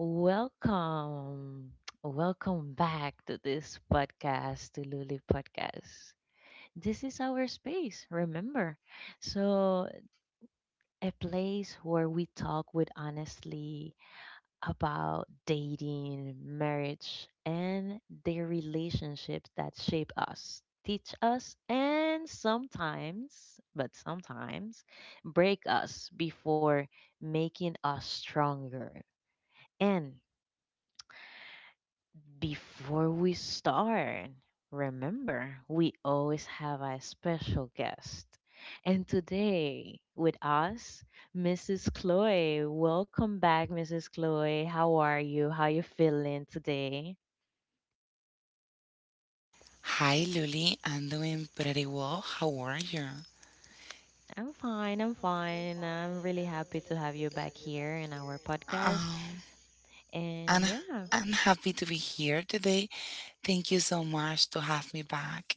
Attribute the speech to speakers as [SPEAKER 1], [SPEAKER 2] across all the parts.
[SPEAKER 1] Welcome. Welcome back to this podcast, to Luli Podcast. This is our space, remember? So, a place where we talk with honestly about dating, marriage, and the relationships that shape us, teach us, and sometimes, break us before making us stronger. And before we start, remember, we always have a special guest. And today with us, Mrs. Chloe. Welcome back, Mrs. Chloe. How are you? How you feeling today?
[SPEAKER 2] Hi, Luli. I'm doing pretty well. How are you?
[SPEAKER 1] I'm fine. I'm fine. I'm really happy to have you back here in our podcast.
[SPEAKER 2] Um,
[SPEAKER 1] And
[SPEAKER 2] and
[SPEAKER 1] yeah.
[SPEAKER 2] I'm happy to be here today. Thank you so much to have me back.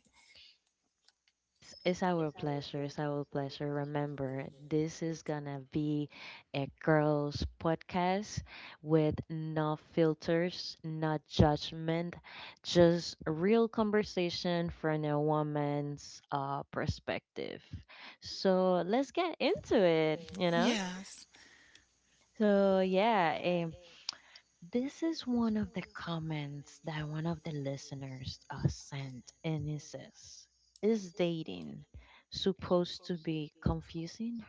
[SPEAKER 1] It's our pleasure. It's our pleasure. Remember, this is gonna be a girls' podcast with no filters, no judgment, just real conversation from a woman's perspective. So let's get into it.
[SPEAKER 2] Yes.
[SPEAKER 1] So yeah, this is one of the comments that one of the listeners sent, and it says, is dating supposed to be confusing?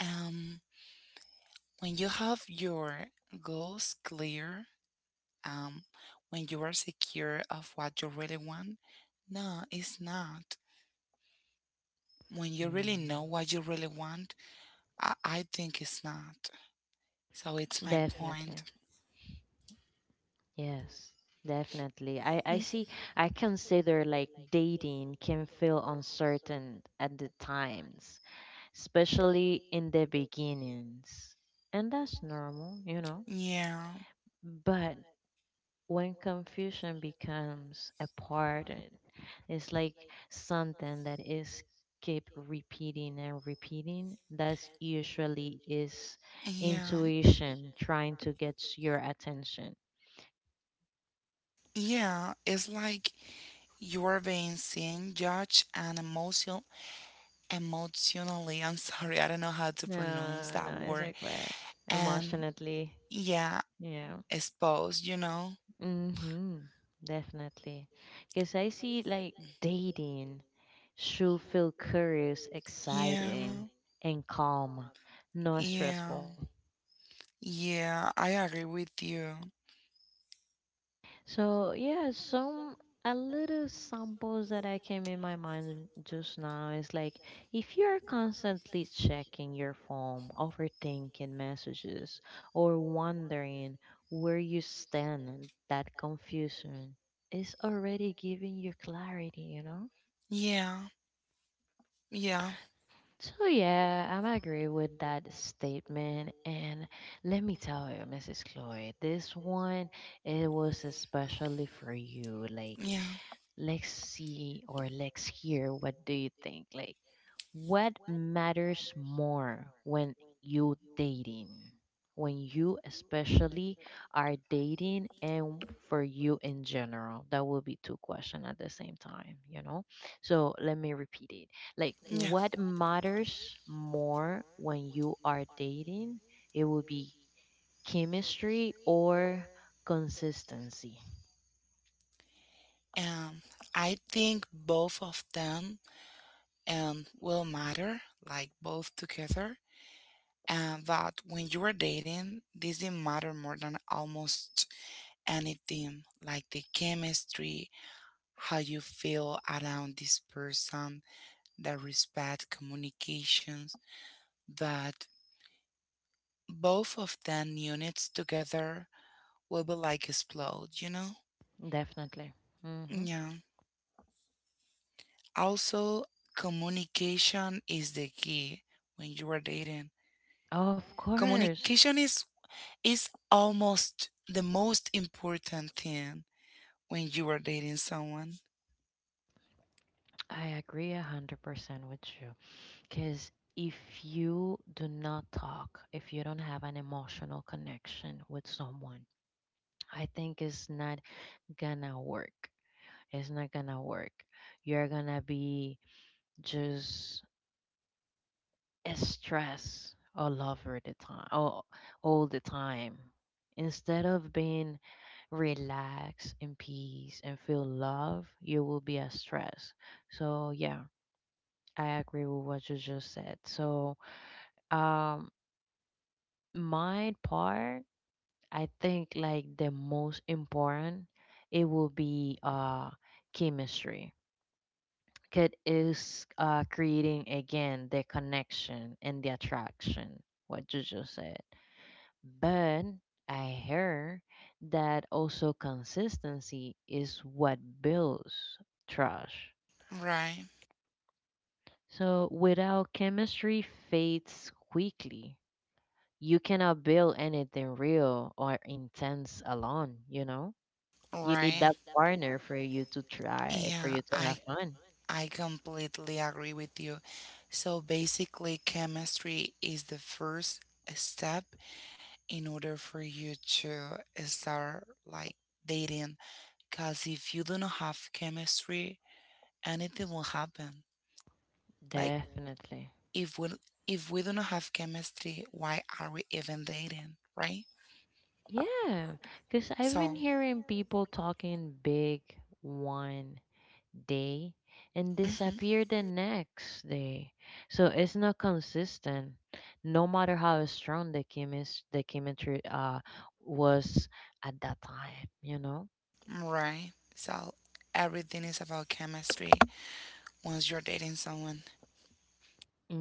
[SPEAKER 2] Um, when you have your goals clear, um, when you are secure of what you really want, no, it's not. When you really know
[SPEAKER 1] Hmm,
[SPEAKER 2] what you really want, I think it's not. So it's my
[SPEAKER 1] Definitely.
[SPEAKER 2] point.
[SPEAKER 1] Yes, definitely. I
[SPEAKER 2] Mm,
[SPEAKER 1] see, I consider like dating can feel uncertain at the times, especially in the beginnings. And that's normal, you know.
[SPEAKER 2] Yeah.
[SPEAKER 1] But when confusion becomes a pattern, it's like something that is keep repeating and repeating. That's usually is
[SPEAKER 2] Yeah.
[SPEAKER 1] intuition trying to get your attention.
[SPEAKER 2] Yeah. It's like you're being seen, judged, and emotionally. I'm sorry, I don't know how to pronounce
[SPEAKER 1] No,
[SPEAKER 2] that
[SPEAKER 1] no, it's
[SPEAKER 2] word.
[SPEAKER 1] like where
[SPEAKER 2] And
[SPEAKER 1] emotionally,
[SPEAKER 2] yeah,
[SPEAKER 1] yeah.
[SPEAKER 2] exposed, you know?
[SPEAKER 1] Mm-hmm. Definitely. Because I see like dating should feel curious, exciting,
[SPEAKER 2] Yeah.
[SPEAKER 1] and calm, not
[SPEAKER 2] Yeah.
[SPEAKER 1] stressful.
[SPEAKER 2] Yeah, I agree with you.
[SPEAKER 1] So yeah, some a little samples that I came in my mind just now is like if you're constantly checking your phone, overthinking messages, or wondering where you stand, that confusion is already giving you clarity, you know?
[SPEAKER 2] Yeah. Yeah.
[SPEAKER 1] So yeah, I'm agree with that statement and let me tell you, Mrs. Chloe, this one it was especially for you. Like
[SPEAKER 2] Experience. Yeah.
[SPEAKER 1] let's see or let's hear what do you think? Like, what matters more when you dating? When you especially are dating and for you in general? That will be two questions at the same time, you know? So let me repeat it. Like,
[SPEAKER 2] Yes.
[SPEAKER 1] what matters more when you are dating? It will be chemistry or consistency.
[SPEAKER 2] Um, I think both of them will matter, like both together. And that when you are dating, this didn't matter more than almost anything, like the chemistry, how you feel around this person, the respect, communications. But both of them units together we will like explode, you know?
[SPEAKER 1] Definitely. hmm
[SPEAKER 2] Yeah. Also, communication is the key when you are dating.
[SPEAKER 1] Oh, of course,
[SPEAKER 2] Communication is almost the most important thing when you are dating someone.
[SPEAKER 1] I agree 100% with you. Because if you do not talk, if you don't have an emotional connection with someone, I think it's not gonna work. It's not gonna work. You're gonna be just stressed all over the time, all the time. Instead of being relaxed in peace and feel love, you will be a stress. So, yeah. I agree with what you just said. So, um, my part, I think like the most important, it will be chemistry. 'Cause it is creating again the connection and the attraction, what you just said. But I heard that also consistency is what builds trust.
[SPEAKER 2] Right.
[SPEAKER 1] So without chemistry fades quickly you cannot build anything real or intense alone, you know? You need
[SPEAKER 2] Right.
[SPEAKER 1] that partner for you to try, for
[SPEAKER 2] Yeah,
[SPEAKER 1] you to
[SPEAKER 2] I
[SPEAKER 1] have fun.
[SPEAKER 2] I completely agree with you. So basically, chemistry is the first step in order for you to start like dating. Because if you do not have chemistry, anything will happen. Like
[SPEAKER 1] Definitely.
[SPEAKER 2] if we if we do not have chemistry, why are we even dating, right?
[SPEAKER 1] Yeah, because I've been
[SPEAKER 2] So,
[SPEAKER 1] hearing people talking big one day and
[SPEAKER 2] mhm,
[SPEAKER 1] disappear the next day. So it's not consistent. No matter how strong the chemistry was at that time, you know?
[SPEAKER 2] right. So everything is about chemistry. Once you're dating someone,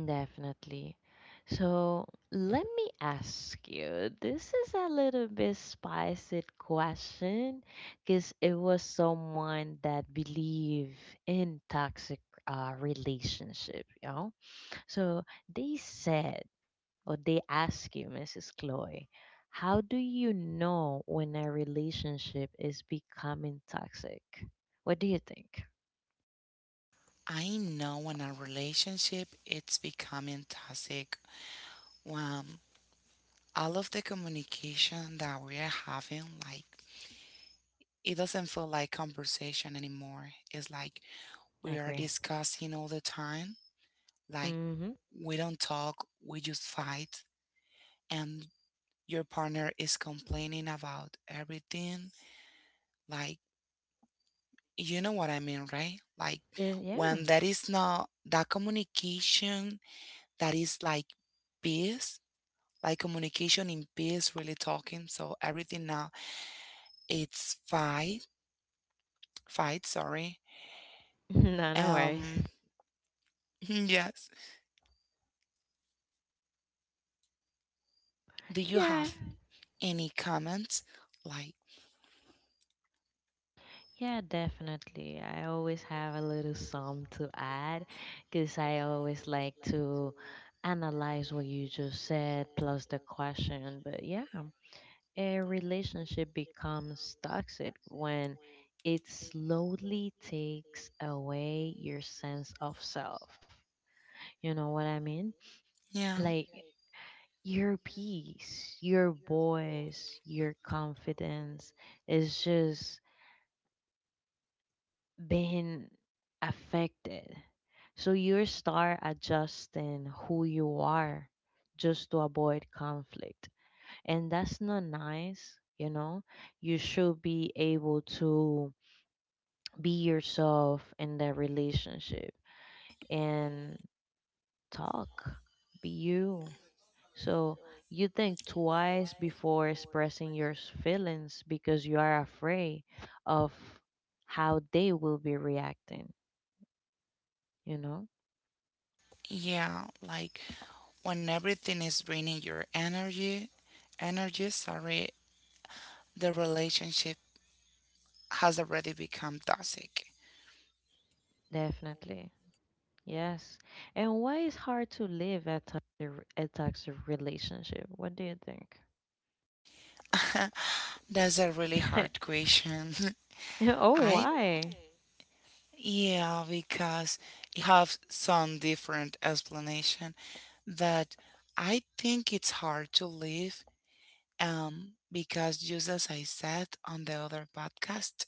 [SPEAKER 1] Definitely. So let me ask you this is a little bit spicy question because it was someone that believe in toxic relationship, you know? So they said, or they ask you, Mrs. Chloe, how do you know when a relationship is becoming toxic? What do you think?
[SPEAKER 2] I know when a relationship it's becoming toxic. When all of the communication that we are having, like it doesn't feel like conversation anymore. It's like we are
[SPEAKER 1] Agree.
[SPEAKER 2] discussing all the time. Like
[SPEAKER 1] Mm-hmm.
[SPEAKER 2] we don't talk, we just fight and your partner is complaining about everything. Like you know what I mean, right? Like
[SPEAKER 1] Is, yeah.
[SPEAKER 2] when that is not that communication that is like peace, like communication in peace, really talking. So everything now it's fight, sorry.
[SPEAKER 1] No, no worries.
[SPEAKER 2] Um yes. Do you
[SPEAKER 1] Yeah,
[SPEAKER 2] have any comments? Like
[SPEAKER 1] yeah, definitely. I always have a little sum to add because I always like to analyze what you just said plus the question. But yeah, a relationship becomes toxic when it slowly takes away your sense of self. You know what I mean?
[SPEAKER 2] yeah.
[SPEAKER 1] Like your peace, your voice, your confidence is just been affected. So you start adjusting who you are just to avoid conflict. And that's not nice, you know? You should be able to be yourself in that relationship and talk, be you. So you think twice before expressing your feelings because you are afraid of how they will be reacting, you know?
[SPEAKER 2] Yeah, like when everything is draining your energy, sorry, the relationship has already become toxic.
[SPEAKER 1] Definitely. Yes. And why is hard to live a toxic relationship? What do you
[SPEAKER 2] That's a really
[SPEAKER 1] think?
[SPEAKER 2] hard question.
[SPEAKER 1] Oh,
[SPEAKER 2] I
[SPEAKER 1] why?
[SPEAKER 2] yeah, because you have some different explanation, but I think it's hard to leave because just as I said on the other podcast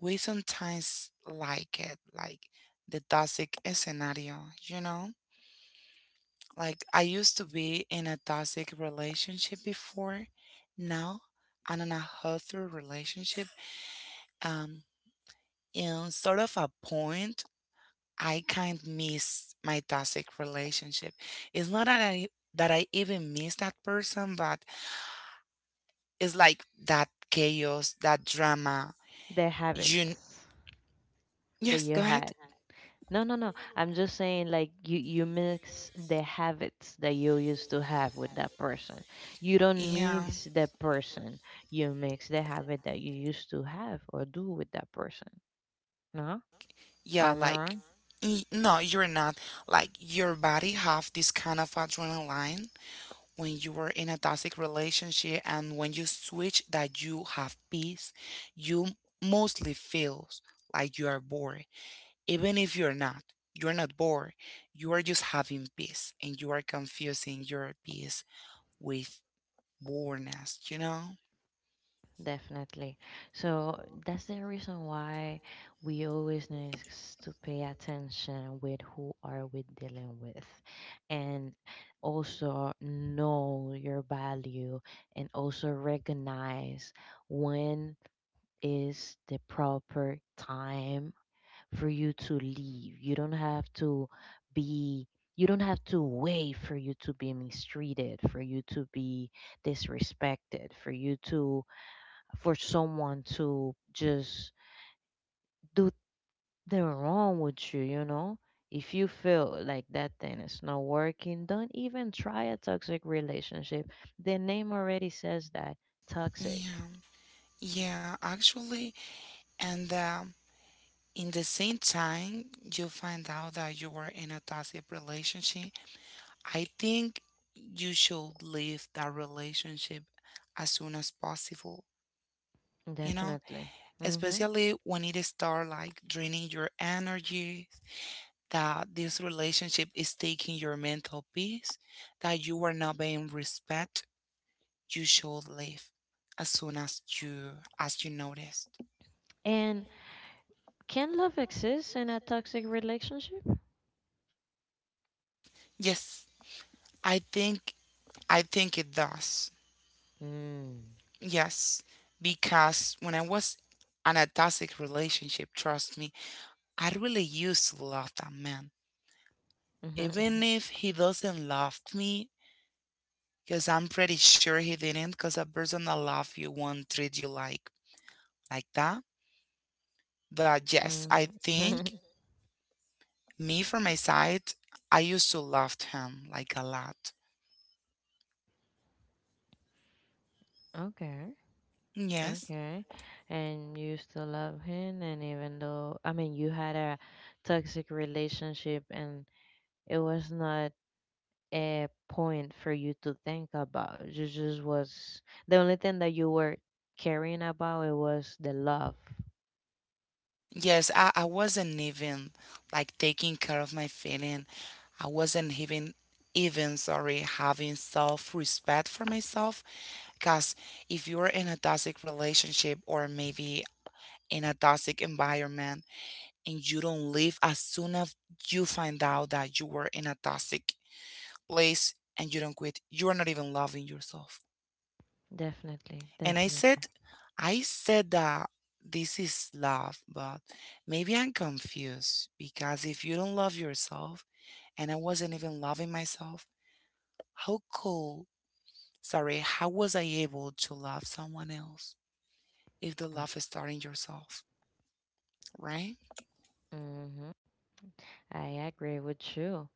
[SPEAKER 2] we sometimes like it, like the toxic scenario, you know? Like I used to be in a toxic relationship before. Now I'm in a healthy relationship. Um, in sort of a point, I kind of miss my toxic relationship. It's not that I even miss that person, but it's like that chaos, that drama.
[SPEAKER 1] The
[SPEAKER 2] You
[SPEAKER 1] habits that
[SPEAKER 2] yes,
[SPEAKER 1] you
[SPEAKER 2] go ahead.
[SPEAKER 1] had. No, no, no. I'm just saying like you mix the habits that you used to have with that person. You don't
[SPEAKER 2] Yeah.
[SPEAKER 1] mix the person. You mix the habit that you used to have or do with that person. No?
[SPEAKER 2] Yeah,
[SPEAKER 1] Am I
[SPEAKER 2] like
[SPEAKER 1] wrong?
[SPEAKER 2] no, you're not. Like your body have this kind of adrenaline when you were in a toxic relationship and when you switch that you have peace, you mostly feels like you are bored. Even if you're not. You're not bored. You are just having peace and you are confusing your peace with boredness, you know?
[SPEAKER 1] Definitely. So that's the reason why we always need to pay attention with who are we dealing with and also know your value and also recognize when is the proper time for you to leave. Be you don't have to wait for you to be mistreated, for you to be disrespected, for someone to just do they're wrong with you, you know? If you feel like that thing is not working, don't even try a toxic relationship. The name already says that toxic.
[SPEAKER 2] Yeah. Yeah, actually. And in the same time, you find out that you are in a toxic relationship. I think you should leave that relationship as soon as possible, you know,
[SPEAKER 1] Definitely. Mm-hmm.
[SPEAKER 2] especially when it start like draining your energy, that this relationship is taking your mental peace, that you are not being respect, you should leave as soon as you noticed.
[SPEAKER 1] And can love exist in a toxic relationship?
[SPEAKER 2] Yes, I think I think it does.
[SPEAKER 1] Mm.
[SPEAKER 2] Yes, because when I was in a toxic relationship, trust me, I really used to love that man. Even if he doesn't love me, because I'm pretty sure he didn't, because a person that loves you won't treat you like that. But yes, I
[SPEAKER 1] Mm-hmm.
[SPEAKER 2] think me from my side, I used to love him like a lot.
[SPEAKER 1] Okay.
[SPEAKER 2] Yes.
[SPEAKER 1] Okay. And you still love him, and even though, I mean, you had a toxic relationship and it was not a point for you to think about. You just was the only thing that you were caring about it was the love.
[SPEAKER 2] Yes, I wasn't even like taking care of my feeling. I wasn't even sorry having self-respect for myself because if you're in a toxic relationship or maybe in a toxic environment and you don't leave as soon as you find out that you were in a toxic place and you don't quit, you're not even loving yourself.
[SPEAKER 1] Definitely,
[SPEAKER 2] And
[SPEAKER 1] definitely.
[SPEAKER 2] I said that this is love, but maybe I'm confused because if you don't love yourself, and I wasn't even loving myself, how cool, sorry, how was I able to love someone else if the love is starting yourself, right?
[SPEAKER 1] Mm-hmm. I agree with you.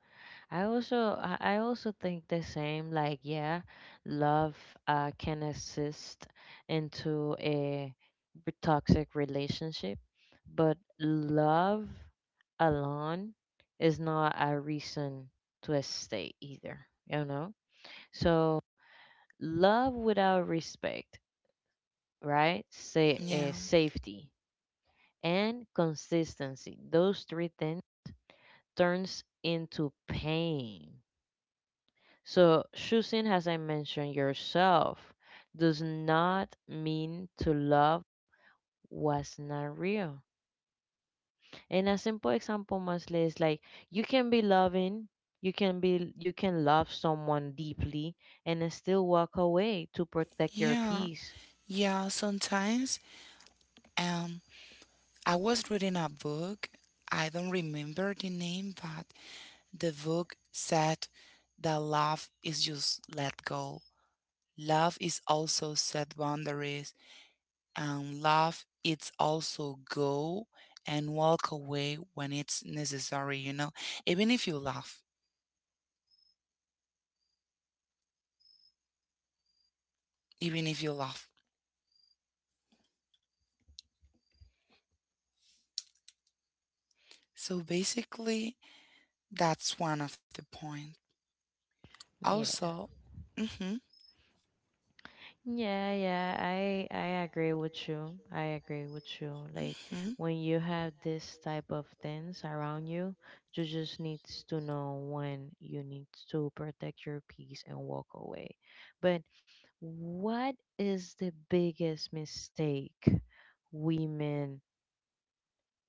[SPEAKER 1] I also think the same. Like yeah, love can assist into a toxic relationship, but love alone is not a reason to stay either. You know, so love without respect, right? Say
[SPEAKER 2] Yeah,
[SPEAKER 1] safety and consistency. Those three things turns into pain. So, choosing, as I mentioned, yourself does not mean to love what's not real. And a simple example, mostly, is like you can be loving, you can love someone deeply, and then still walk away to protect your
[SPEAKER 2] yeah,
[SPEAKER 1] peace.
[SPEAKER 2] yeah. Sometimes, um, I was reading a book. I don't remember the name, but the book said that love is just let go. Love is also set boundaries, and love it's also go and walk away when it's necessary, you know, even if you love, even if you love. So basically, that's one of the point.
[SPEAKER 1] Yeah.
[SPEAKER 2] Also, mm-hmm,
[SPEAKER 1] Yeah, yeah, I agree with you. I agree with you. Like
[SPEAKER 2] mm-hmm.
[SPEAKER 1] when you have this type of things around you, you just needs to know when you need to protect your peace and walk away. But what is the biggest mistake women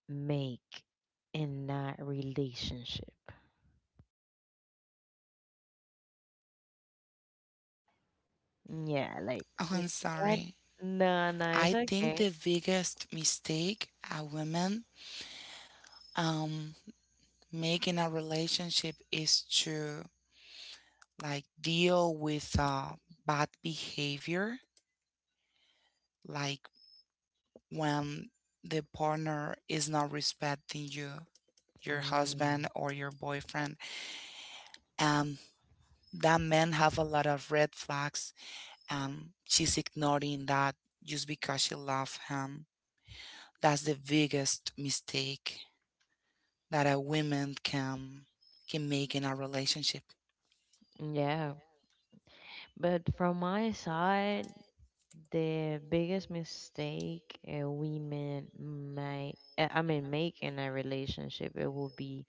[SPEAKER 1] make in that relationship? Yeah, like
[SPEAKER 2] Oh, I'm
[SPEAKER 1] what?
[SPEAKER 2] sorry.
[SPEAKER 1] No, no,
[SPEAKER 2] I
[SPEAKER 1] it's
[SPEAKER 2] think
[SPEAKER 1] okay.
[SPEAKER 2] the biggest mistake a woman um make in a relationship is to like deal with bad behavior, like when the partner is not respecting you, your
[SPEAKER 1] Mm,
[SPEAKER 2] husband or your boyfriend. Um, that men have a lot of red flags. She's ignoring that just because she loves him. That's the biggest mistake that a woman can make in a relationship.
[SPEAKER 1] yeah. But from my side, the biggest mistake women make, I mean, make in a relationship, it will be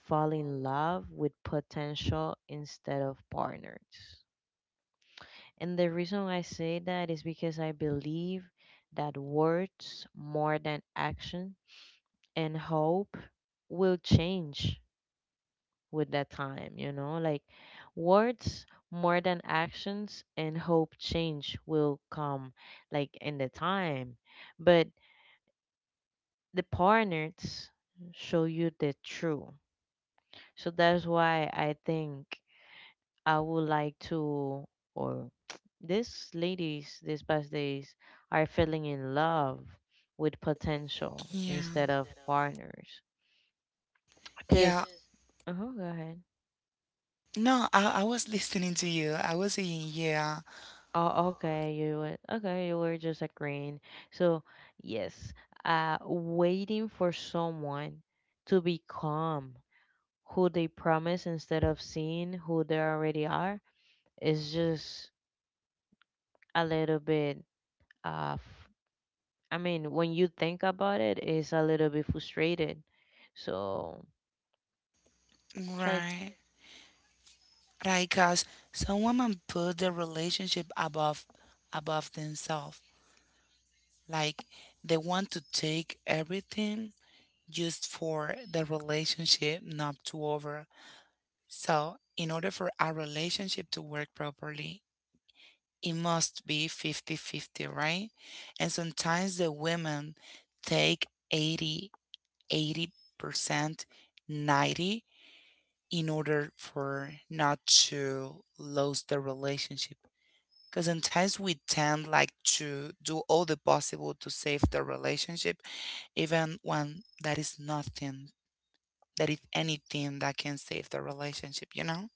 [SPEAKER 1] fall in love with potential instead of partners. And the reason I say that is because I believe that words more than action and hope will change with that time, you know? Like words more than actions and hope change will come like in the time. But the partners show you the truth. So that's why I think I would like to or these ladies these past days are falling in love with potential
[SPEAKER 2] Yeah,
[SPEAKER 1] instead of partners. Cause
[SPEAKER 2] yeah.
[SPEAKER 1] uh-huh, go ahead.
[SPEAKER 2] No, I was listening to you. I was saying, yeah.
[SPEAKER 1] Oh, okay. You were, okay. You were just agreeing. So yes, waiting for someone to become who they promise instead of seeing who they already are is just a little bit uh, f- I mean, when you think about it, it's a little bit frustrated. So try.
[SPEAKER 2] Right. Right. Cause some women put their relationship above themselves. Like they want to take everything just for the relationship not to over. So in order for our relationship to work properly, it must be fifty-fifty, right? And sometimes the women take 80% 90 in order for not to lose the relationship. Because sometimes we tend like to do all the possible to save the relationship, even when that is nothing, that is anything that can save the relationship, you know?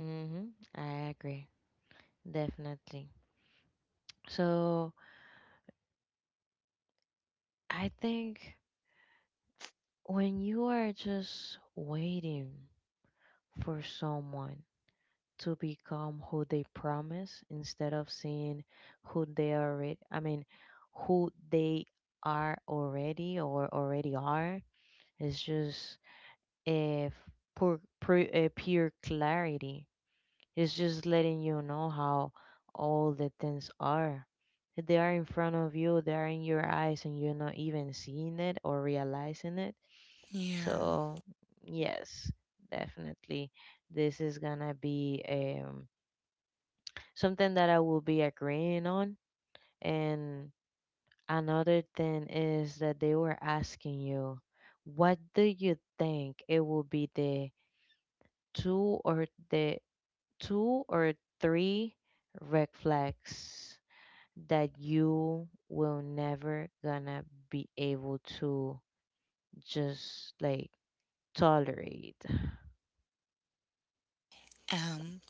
[SPEAKER 1] Mm-hmm. I agree. Definitely. So I think when you are just waiting for someone to become who they promise instead of seeing who they are already i mean who they are already or already are, it's just a pure clarity. It's just letting you know how all the things are, they are in front of you, they are in your eyes and you're not even seeing it or realizing it.
[SPEAKER 2] Yeah.
[SPEAKER 1] So, yes, definitely. This is gonna be something that I will be agreeing on. And another thing is that they were asking you, what do you think it will be the two or three red flags that you will never gonna be able to just like tolerate?
[SPEAKER 2] And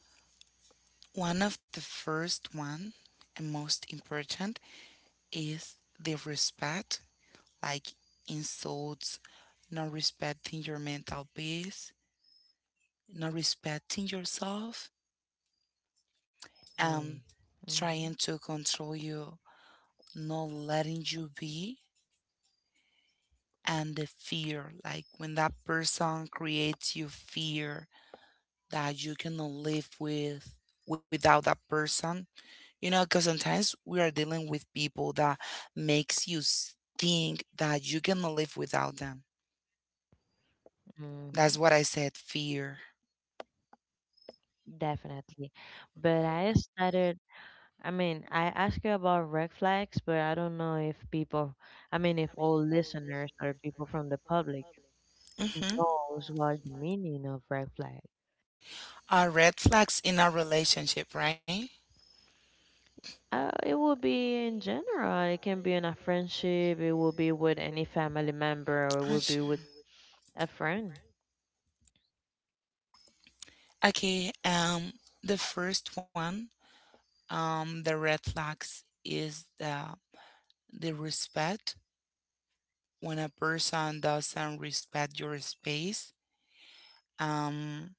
[SPEAKER 2] one of the first one and most important is the respect like insults, not respecting your mental peace, not respecting yourself, and
[SPEAKER 1] Mm.
[SPEAKER 2] trying to control you, not letting you be, and the fear. Like when that person creates you fear that you cannot live with without that person, you know, because sometimes we are dealing with people that makes you think that you cannot live without them. That's
[SPEAKER 1] Mhm.
[SPEAKER 2] what I said, fear.
[SPEAKER 1] Definitely. But I started, I mean, I asked you about red flags, but I don't know if people, I mean, if all listeners or people from the public
[SPEAKER 2] Hmm,
[SPEAKER 1] knows what the meaning of red flag.
[SPEAKER 2] are red flags in a relationship, right?
[SPEAKER 1] It will be in general. It can be in a friendship. It will be with any family member, or it
[SPEAKER 2] Oh,
[SPEAKER 1] will be
[SPEAKER 2] sure.
[SPEAKER 1] with a friend.
[SPEAKER 2] Okay, the first one, the red flags is the respect. When a person doesn't respect your space, um,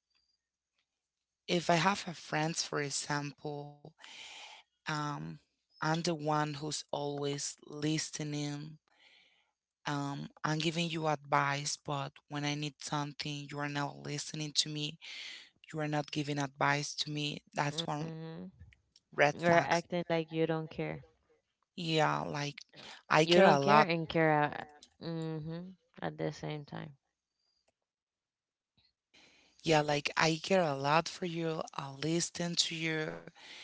[SPEAKER 2] if I have a friend, for example, um, I'm the one who's always listening. I'm giving you advice, but when I need something, you are not listening to me. You are not giving advice to me. That's one
[SPEAKER 1] Mm-hmm.
[SPEAKER 2] red
[SPEAKER 1] You're
[SPEAKER 2] flags.
[SPEAKER 1] acting like you don't care.
[SPEAKER 2] Yeah, like I
[SPEAKER 1] You
[SPEAKER 2] care a
[SPEAKER 1] don't care
[SPEAKER 2] lot.
[SPEAKER 1] and care out. Mm-hmm. At the same time.
[SPEAKER 2] Yeah, like I care a lot for you. I listen to you,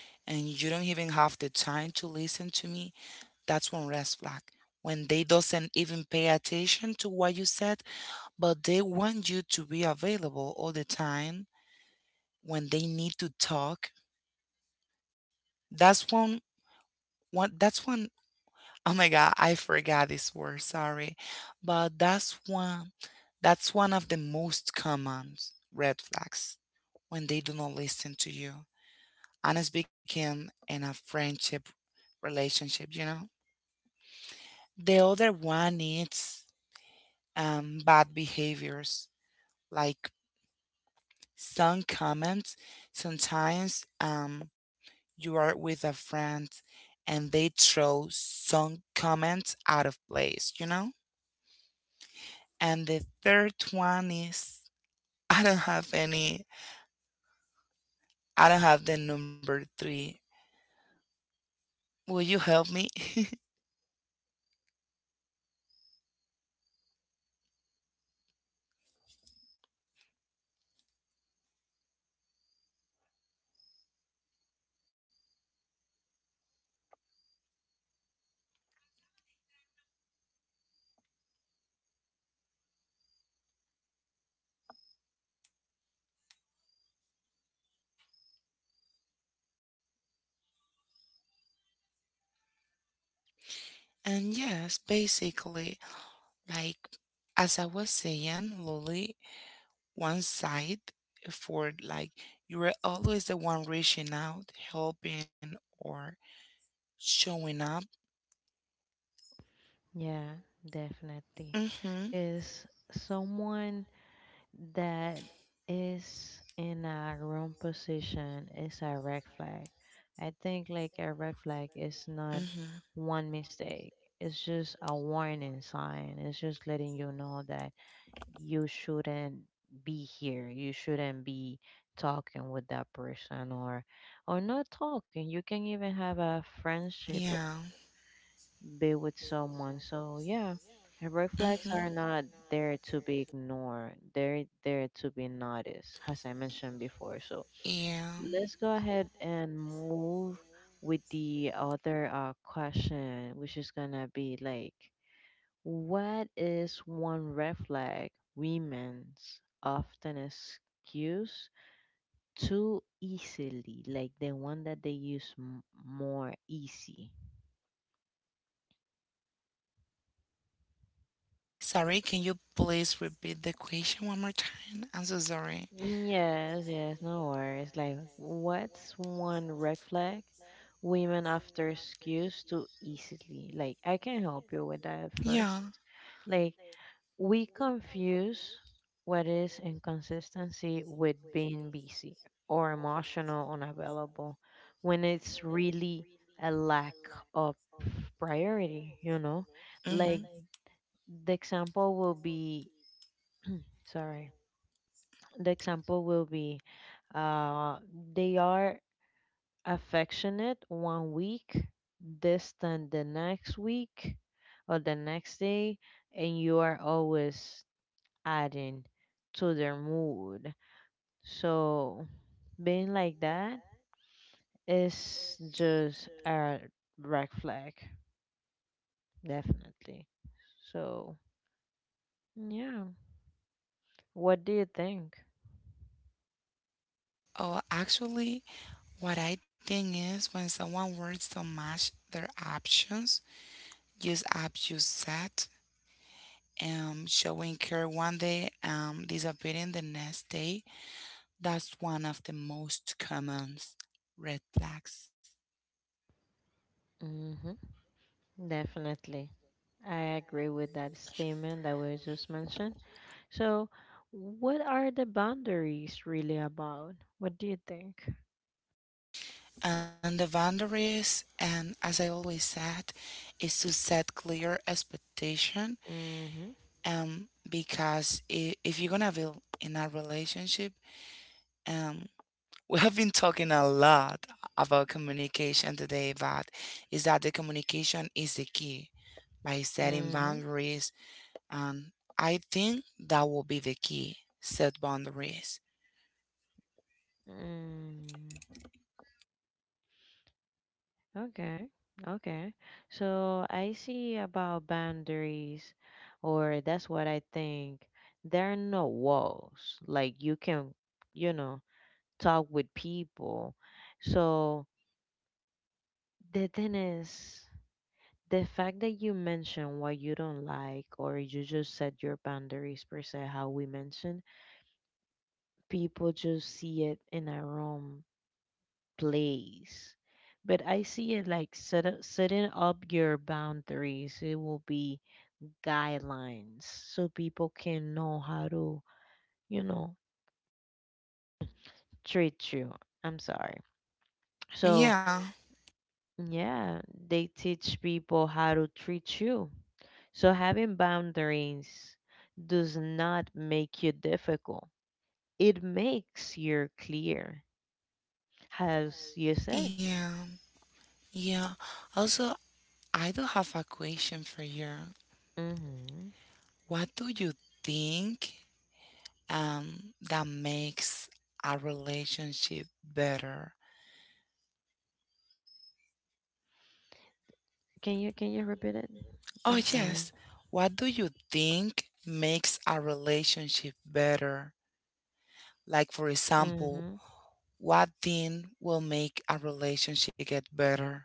[SPEAKER 2] and you don't even have the time to listen to me. That's one red flag. When they doesn't even pay attention to what you said, but they want you to be available all the time when they need to talk. That's one. One, that's one oh my god, I forgot this word, sorry. But that's one of the most common red flags when they do not listen to you. And it's became in a friendship relationship, you know? The other one is bad behaviors, like some comments. Sometimes you are with a friend and they throw some comments out of place, you know? And the third one is I don't have any, I don't have the number three. Will you help me? And yes, basically, like as I was saying, Lily, one side for like you were always the one reaching out, helping, or showing up.
[SPEAKER 1] Yeah, definitely.
[SPEAKER 2] Mm-hmm.
[SPEAKER 1] Is someone that is in a wrong position is a red flag. I think like a red flag is not
[SPEAKER 2] Mm-hmm.
[SPEAKER 1] one mistake. It's just a warning sign. It's just letting you know that you shouldn't be here. You shouldn't be talking with that person or not talking. You can even have a friendship
[SPEAKER 2] Yeah.
[SPEAKER 1] be with someone. So yeah, and red flags
[SPEAKER 2] Mm-hmm.
[SPEAKER 1] are not there to be ignored. They're there to be noticed, as I mentioned before. So
[SPEAKER 2] Yeah.
[SPEAKER 1] let's go ahead and move with the other question, which is gonna be like, what is one red flag women's often excuse too easily, like the one that they use more easy?
[SPEAKER 2] Sorry, can you please repeat the question one more time? I'm so sorry.
[SPEAKER 1] Yes, yes, no worries. Like, what's one red flag women after excuse too easily? Like, I can help you with that first.
[SPEAKER 2] Yeah.
[SPEAKER 1] Like, we confuse what is inconsistency with being busy or emotional unavailable when it's really a lack of priority, you know?
[SPEAKER 2] Mm-hmm.
[SPEAKER 1] Like, the example will be, sorry, the example will be. Uh, they are affectionate 1 week, distant the next week or the next day, and you are always adding to their mood. So being like that is just a red flag, definitely. So yeah, what do you think?
[SPEAKER 2] Oh, actually, what I think is when someone words don't match their options, use abuse set, showing care one day, disappearing the next day. That's one of the most common red flags.
[SPEAKER 1] Mm-hmm. Definitely. I agree with that statement that was just mentioned. So, what are the boundaries really about? What do you think?
[SPEAKER 2] And the boundaries, and as I always said, is to set clear expectation.
[SPEAKER 1] Mm-hmm.
[SPEAKER 2] Because if you're gonna be in a relationship, um, we have been talking a lot about communication today, but is that the communication is the key by setting
[SPEAKER 1] Mm-hmm.
[SPEAKER 2] boundaries, and I think that will be the key. Set boundaries.
[SPEAKER 1] Mm. Okay. Okay. So I see about boundaries, or that's what I think. There are no walls. Like you can, you know, talk with people. So the thing is, the fact that you mention what you don't like, or you just set your boundaries per se, how we mentioned, people just see it in a wrong place. But I see it like set up, setting up your boundaries. It will be guidelines so people can know how to, you know, treat you. I'm sorry. So,
[SPEAKER 2] Yeah.
[SPEAKER 1] yeah, they teach people how to treat you. So, having boundaries does not make you difficult, it makes you clear, as you said.
[SPEAKER 2] Yeah. Yeah. Also, I do have a question for you.
[SPEAKER 1] Mhm.
[SPEAKER 2] What do you think, that makes a relationship better?
[SPEAKER 1] Can you repeat it?
[SPEAKER 2] Oh,
[SPEAKER 1] I'm sorry.
[SPEAKER 2] yes. What do you think makes a relationship better? Like, for example,
[SPEAKER 1] Mm-hmm.
[SPEAKER 2] what thing will make a relationship get better?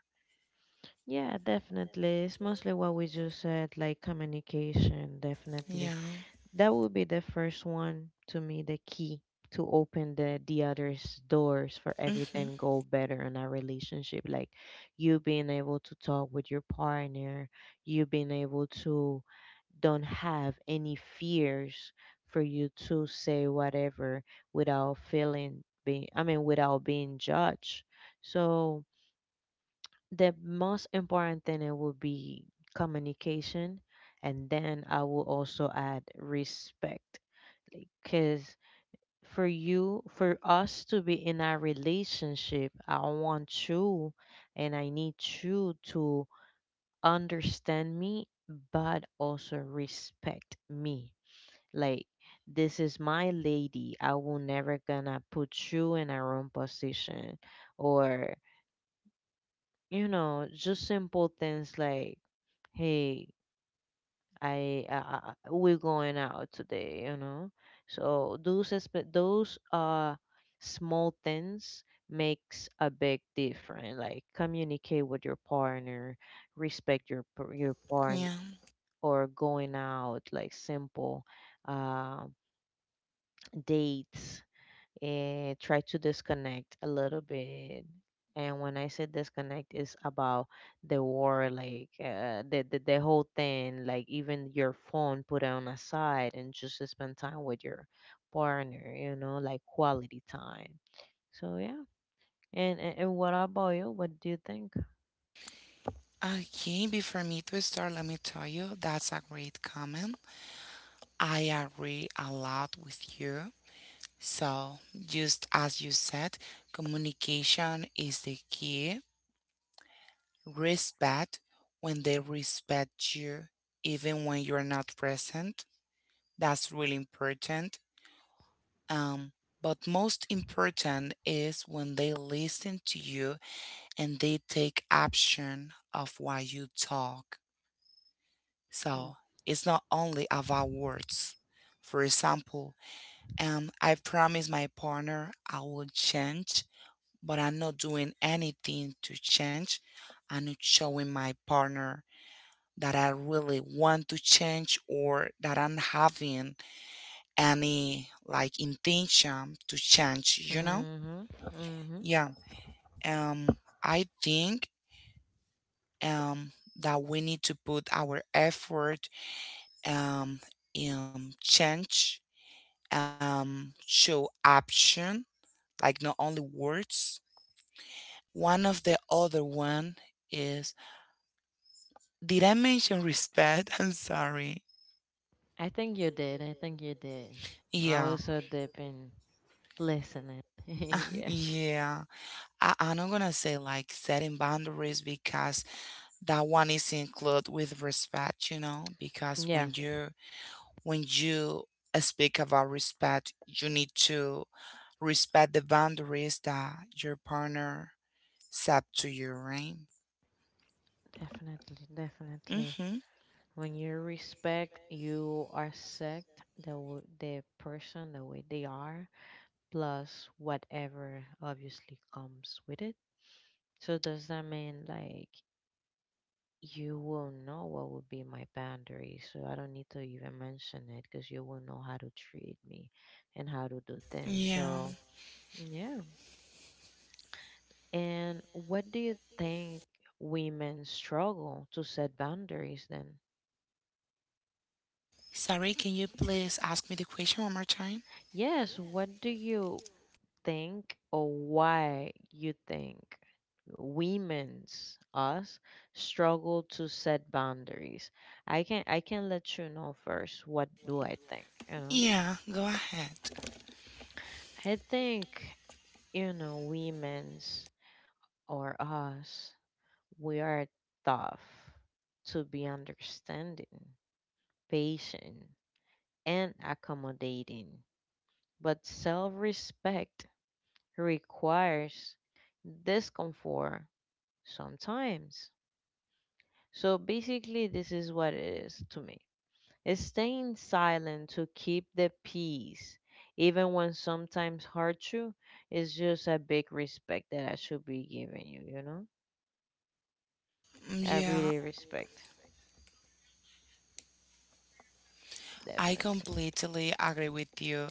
[SPEAKER 1] Yeah, definitely. It's mostly what we just said, like communication,
[SPEAKER 2] Yeah.
[SPEAKER 1] definitely. That would be the first one to me, the key to open the others doors for
[SPEAKER 2] Mm-hmm.
[SPEAKER 1] everything go better in our relationship. Like you being able to talk with your partner, you being able to don't have any fears for you to say whatever without feeling being, I mean, without being judged. So the most important thing it would be communication, and then I will also add respect, because for you, for us to be in a relationship, I want you and I need you to understand me but also respect me, like, this is my lady. I will never gonna put you in a wrong position. Or, you know, just simple things like, hey, I we're going out today, you know. So those those small things makes a big difference. Like communicate with your partner, respect your your partner,
[SPEAKER 2] Yeah.
[SPEAKER 1] or going out like simple uh, dates and try to disconnect a little bit. And when I say disconnect, it's about the war, like the whole thing, like even your phone, put it on aside and just to spend time with your partner. You know, like quality time. So yeah. And what about you? What do you think?
[SPEAKER 2] Okay, before me to start, let me tell you that's a great comment. I agree a lot with you. So, just as you said, communication is the key. Respect when they respect you, even when you're not present. That's really important. Um, but most important is when they listen to you and they take action of what you talk. So, it's not only about words. For example, I promise my partner I will change but I'm not doing anything to change. I'm not showing my partner that I really want to change or that I'm having any like intention to change, you know?
[SPEAKER 1] Mhm. Mhm.
[SPEAKER 2] Yeah. Um I think um that we need to put our effort um in change, show action, like not only words. One of the other one is Did I mention respect? I'm sorry.
[SPEAKER 1] I think you did. I think you did. I
[SPEAKER 2] Yeah.
[SPEAKER 1] was so deep in listening. Yeah.
[SPEAKER 2] Yeah, I'm not gonna say like setting boundaries because that one is included with respect, you know, because
[SPEAKER 1] Yeah.
[SPEAKER 2] when you speak about respect, you need to respect the boundaries that your partner set to you, right?
[SPEAKER 1] Definitely. Definitely.
[SPEAKER 2] Mm-hmm.
[SPEAKER 1] When you respect, you accept the the person the way they are, plus whatever obviously comes with it. So does that mean like you will know what would be my boundary? So I don't need to even mention it because you will know how to treat me and how to do things.
[SPEAKER 2] Yeah.
[SPEAKER 1] So yeah. And what do you think women struggle to set boundaries then?
[SPEAKER 2] Sorry, can you please ask me the question one more time?
[SPEAKER 1] Yes, what do you think or why you think women's us struggle to set boundaries? I can let you know first what do I think, you know?
[SPEAKER 2] Yeah, go ahead.
[SPEAKER 1] I think, you know, women's or us, we are tough to be understanding, patient, and accommodating. But self respect requires discomfort sometimes. So basically, this is what it is to me. It's staying silent to keep the peace, even when sometimes hard to, is just a big respect that I should be giving you, you know? I
[SPEAKER 2] Yeah,
[SPEAKER 1] really respect,
[SPEAKER 2] I
[SPEAKER 1] definitely.
[SPEAKER 2] completely agree with you.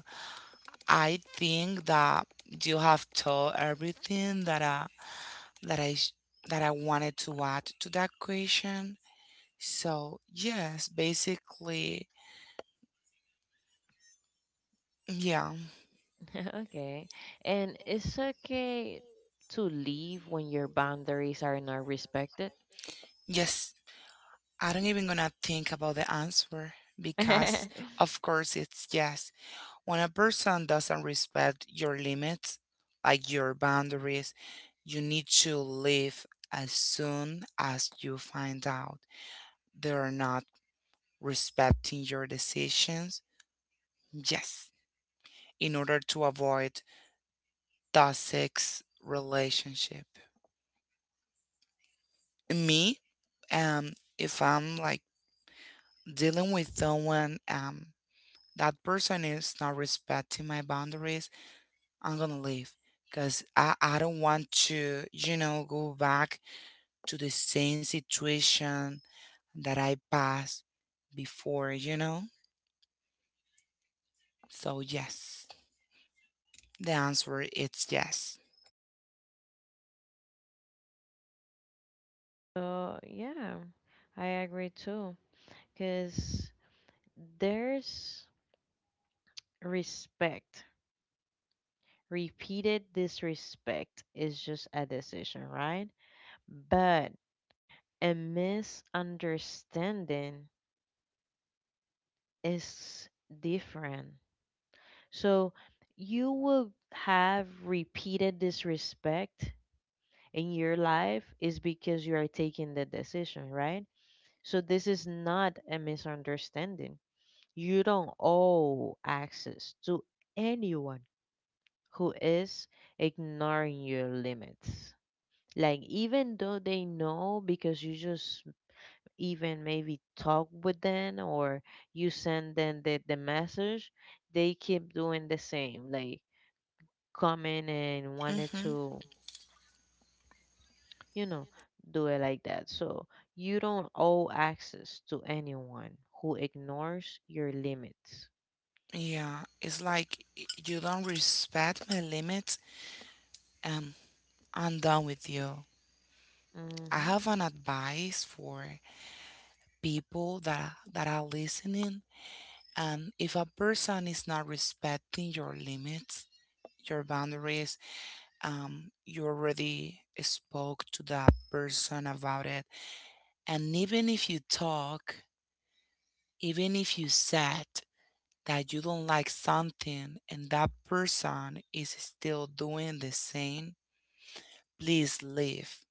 [SPEAKER 2] I think that you have told everything that that I sh- that I wanted to add to that question. So yes, basically, yeah,
[SPEAKER 1] Okay. And it's okay to leave when your boundaries are not respected.
[SPEAKER 2] yes. I don't even gonna think about the answer
[SPEAKER 1] So,
[SPEAKER 2] because, of course, it's yes. When a person doesn't respect your limits, like your boundaries, you need to leave as soon as you find out they're not respecting your decisions. Yes, in order to avoid toxic relationship. Me, um, if I'm like dealing with someone, that person is not respecting my boundaries, I'm gonna leave because I don't want to, you know, go back to the same situation that I passed before, you know? So, yes, the answer is yes.
[SPEAKER 1] yeah, I agree too. Because there's respect. Repeated disrespect is just a decision, right? But a misunderstanding is different. So you will have repeated disrespect in your life is because you are taking the decision, right? So this is not a misunderstanding. You don't owe access to anyone who is ignoring your limits. Like even though they know because you just even maybe talk with them or you send them the message, they keep doing the same, like coming and wanted
[SPEAKER 2] Hmm.
[SPEAKER 1] to, you know, do it like that. So you don't owe access to anyone who ignores your limits.
[SPEAKER 2] Yeah, it's like you don't respect my limits. Um, I'm done with you. I
[SPEAKER 1] Mm-hmm.
[SPEAKER 2] have an advice for people that are listening. And if a person is not respecting your limits, your boundaries, you already spoke to that person about it. And even if you talk, even if you said that you don't like something, and that person is still doing the same. Please leave.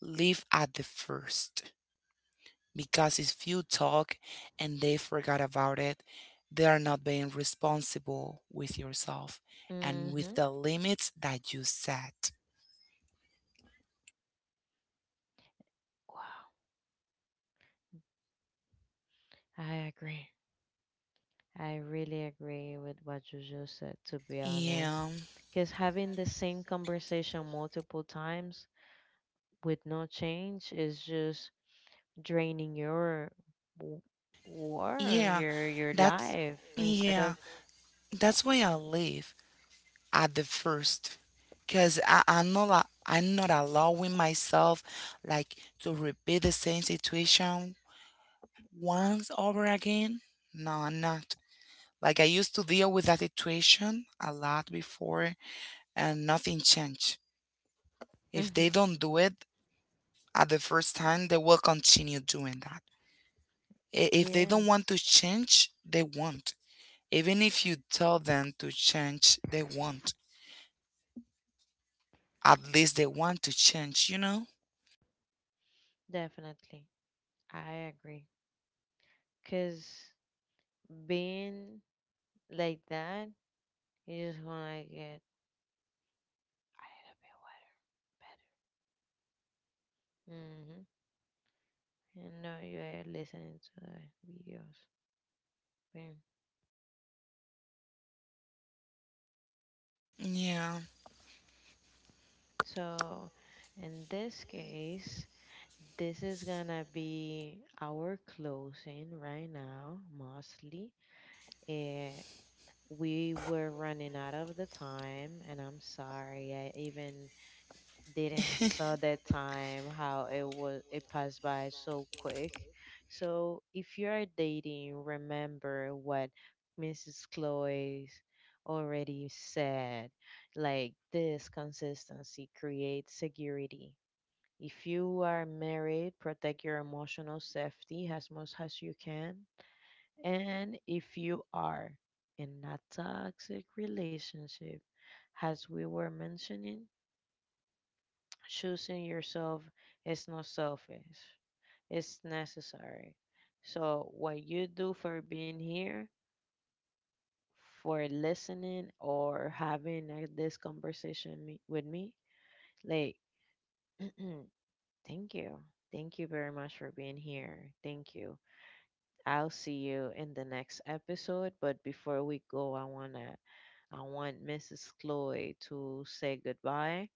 [SPEAKER 2] Leave at the first. Because if you talk and they forgot about it, they are not being responsible with yourself and with
[SPEAKER 1] Mm-hmm.
[SPEAKER 2] the limits that you set.
[SPEAKER 1] Wow. I agree. I really agree with what you just said, to be honest.
[SPEAKER 2] Yeah.
[SPEAKER 1] Because having the same conversation multiple times with no change is just draining your w- war,
[SPEAKER 2] Yeah.
[SPEAKER 1] your
[SPEAKER 2] That's
[SPEAKER 1] life instead of.
[SPEAKER 2] yeah. That's why I leave at the first. Cause I'm not allowing myself like to repeat the same situation once over again. No, I'm not. Like I used to deal with that situation a lot before and nothing changed. If
[SPEAKER 1] Mhm.
[SPEAKER 2] they don't do it at the first time, they will continue doing that. If they don't want
[SPEAKER 1] Yes,
[SPEAKER 2] to change, they won't. Even if you tell them to change, they won't. At least they want to change, you know?
[SPEAKER 1] definitely. I agree. Because being like that, you just want to get a little bit wetter, better. Mm-hmm. And now you are listening to the videos.
[SPEAKER 2] Yeah.
[SPEAKER 1] So, in this case, this is gonna be our closing right now, mostly. Eh, we were running out of the time, and I'm sorry, I even didn't saw the time how it was, it passed by so quick. So, if you are dating, remember what Mrs. Chloe already said, like this consistency creates security. If you are married, protect your emotional safety as much as you can. And if you are in a toxic relationship, as we were mentioning, choosing yourself is not selfish, it's necessary. So, what you do for being here, for listening, or having this conversation with me, like, thank you. Thank you very much for being here. Thank you. I'll see you in the next episode. But before we go, I want Mrs. Chloe to say goodbye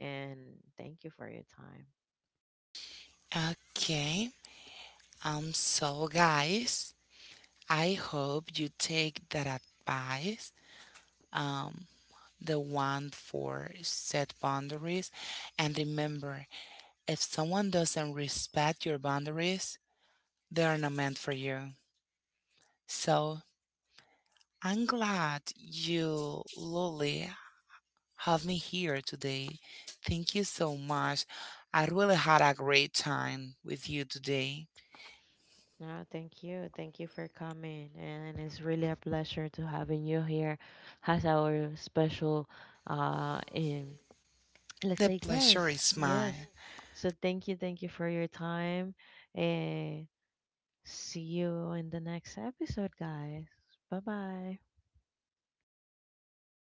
[SPEAKER 1] and thank you for your time.
[SPEAKER 2] Okay. So guys, I hope you take that advice. Um the one for set boundaries. And remember, if someone doesn't respect your boundaries, they are not meant for you. So I'm glad you, Lily, have me here today. Thank you so much. I really had a great time with you today.
[SPEAKER 1] No, thank you. Thank you for coming. And it's really a pleasure to having you here as our special in, let's
[SPEAKER 2] The
[SPEAKER 1] say,
[SPEAKER 2] pleasure
[SPEAKER 1] yes,
[SPEAKER 2] is
[SPEAKER 1] yes.
[SPEAKER 2] mine.
[SPEAKER 1] So thank you for your time. And see you in the next episode, guys. Bye bye.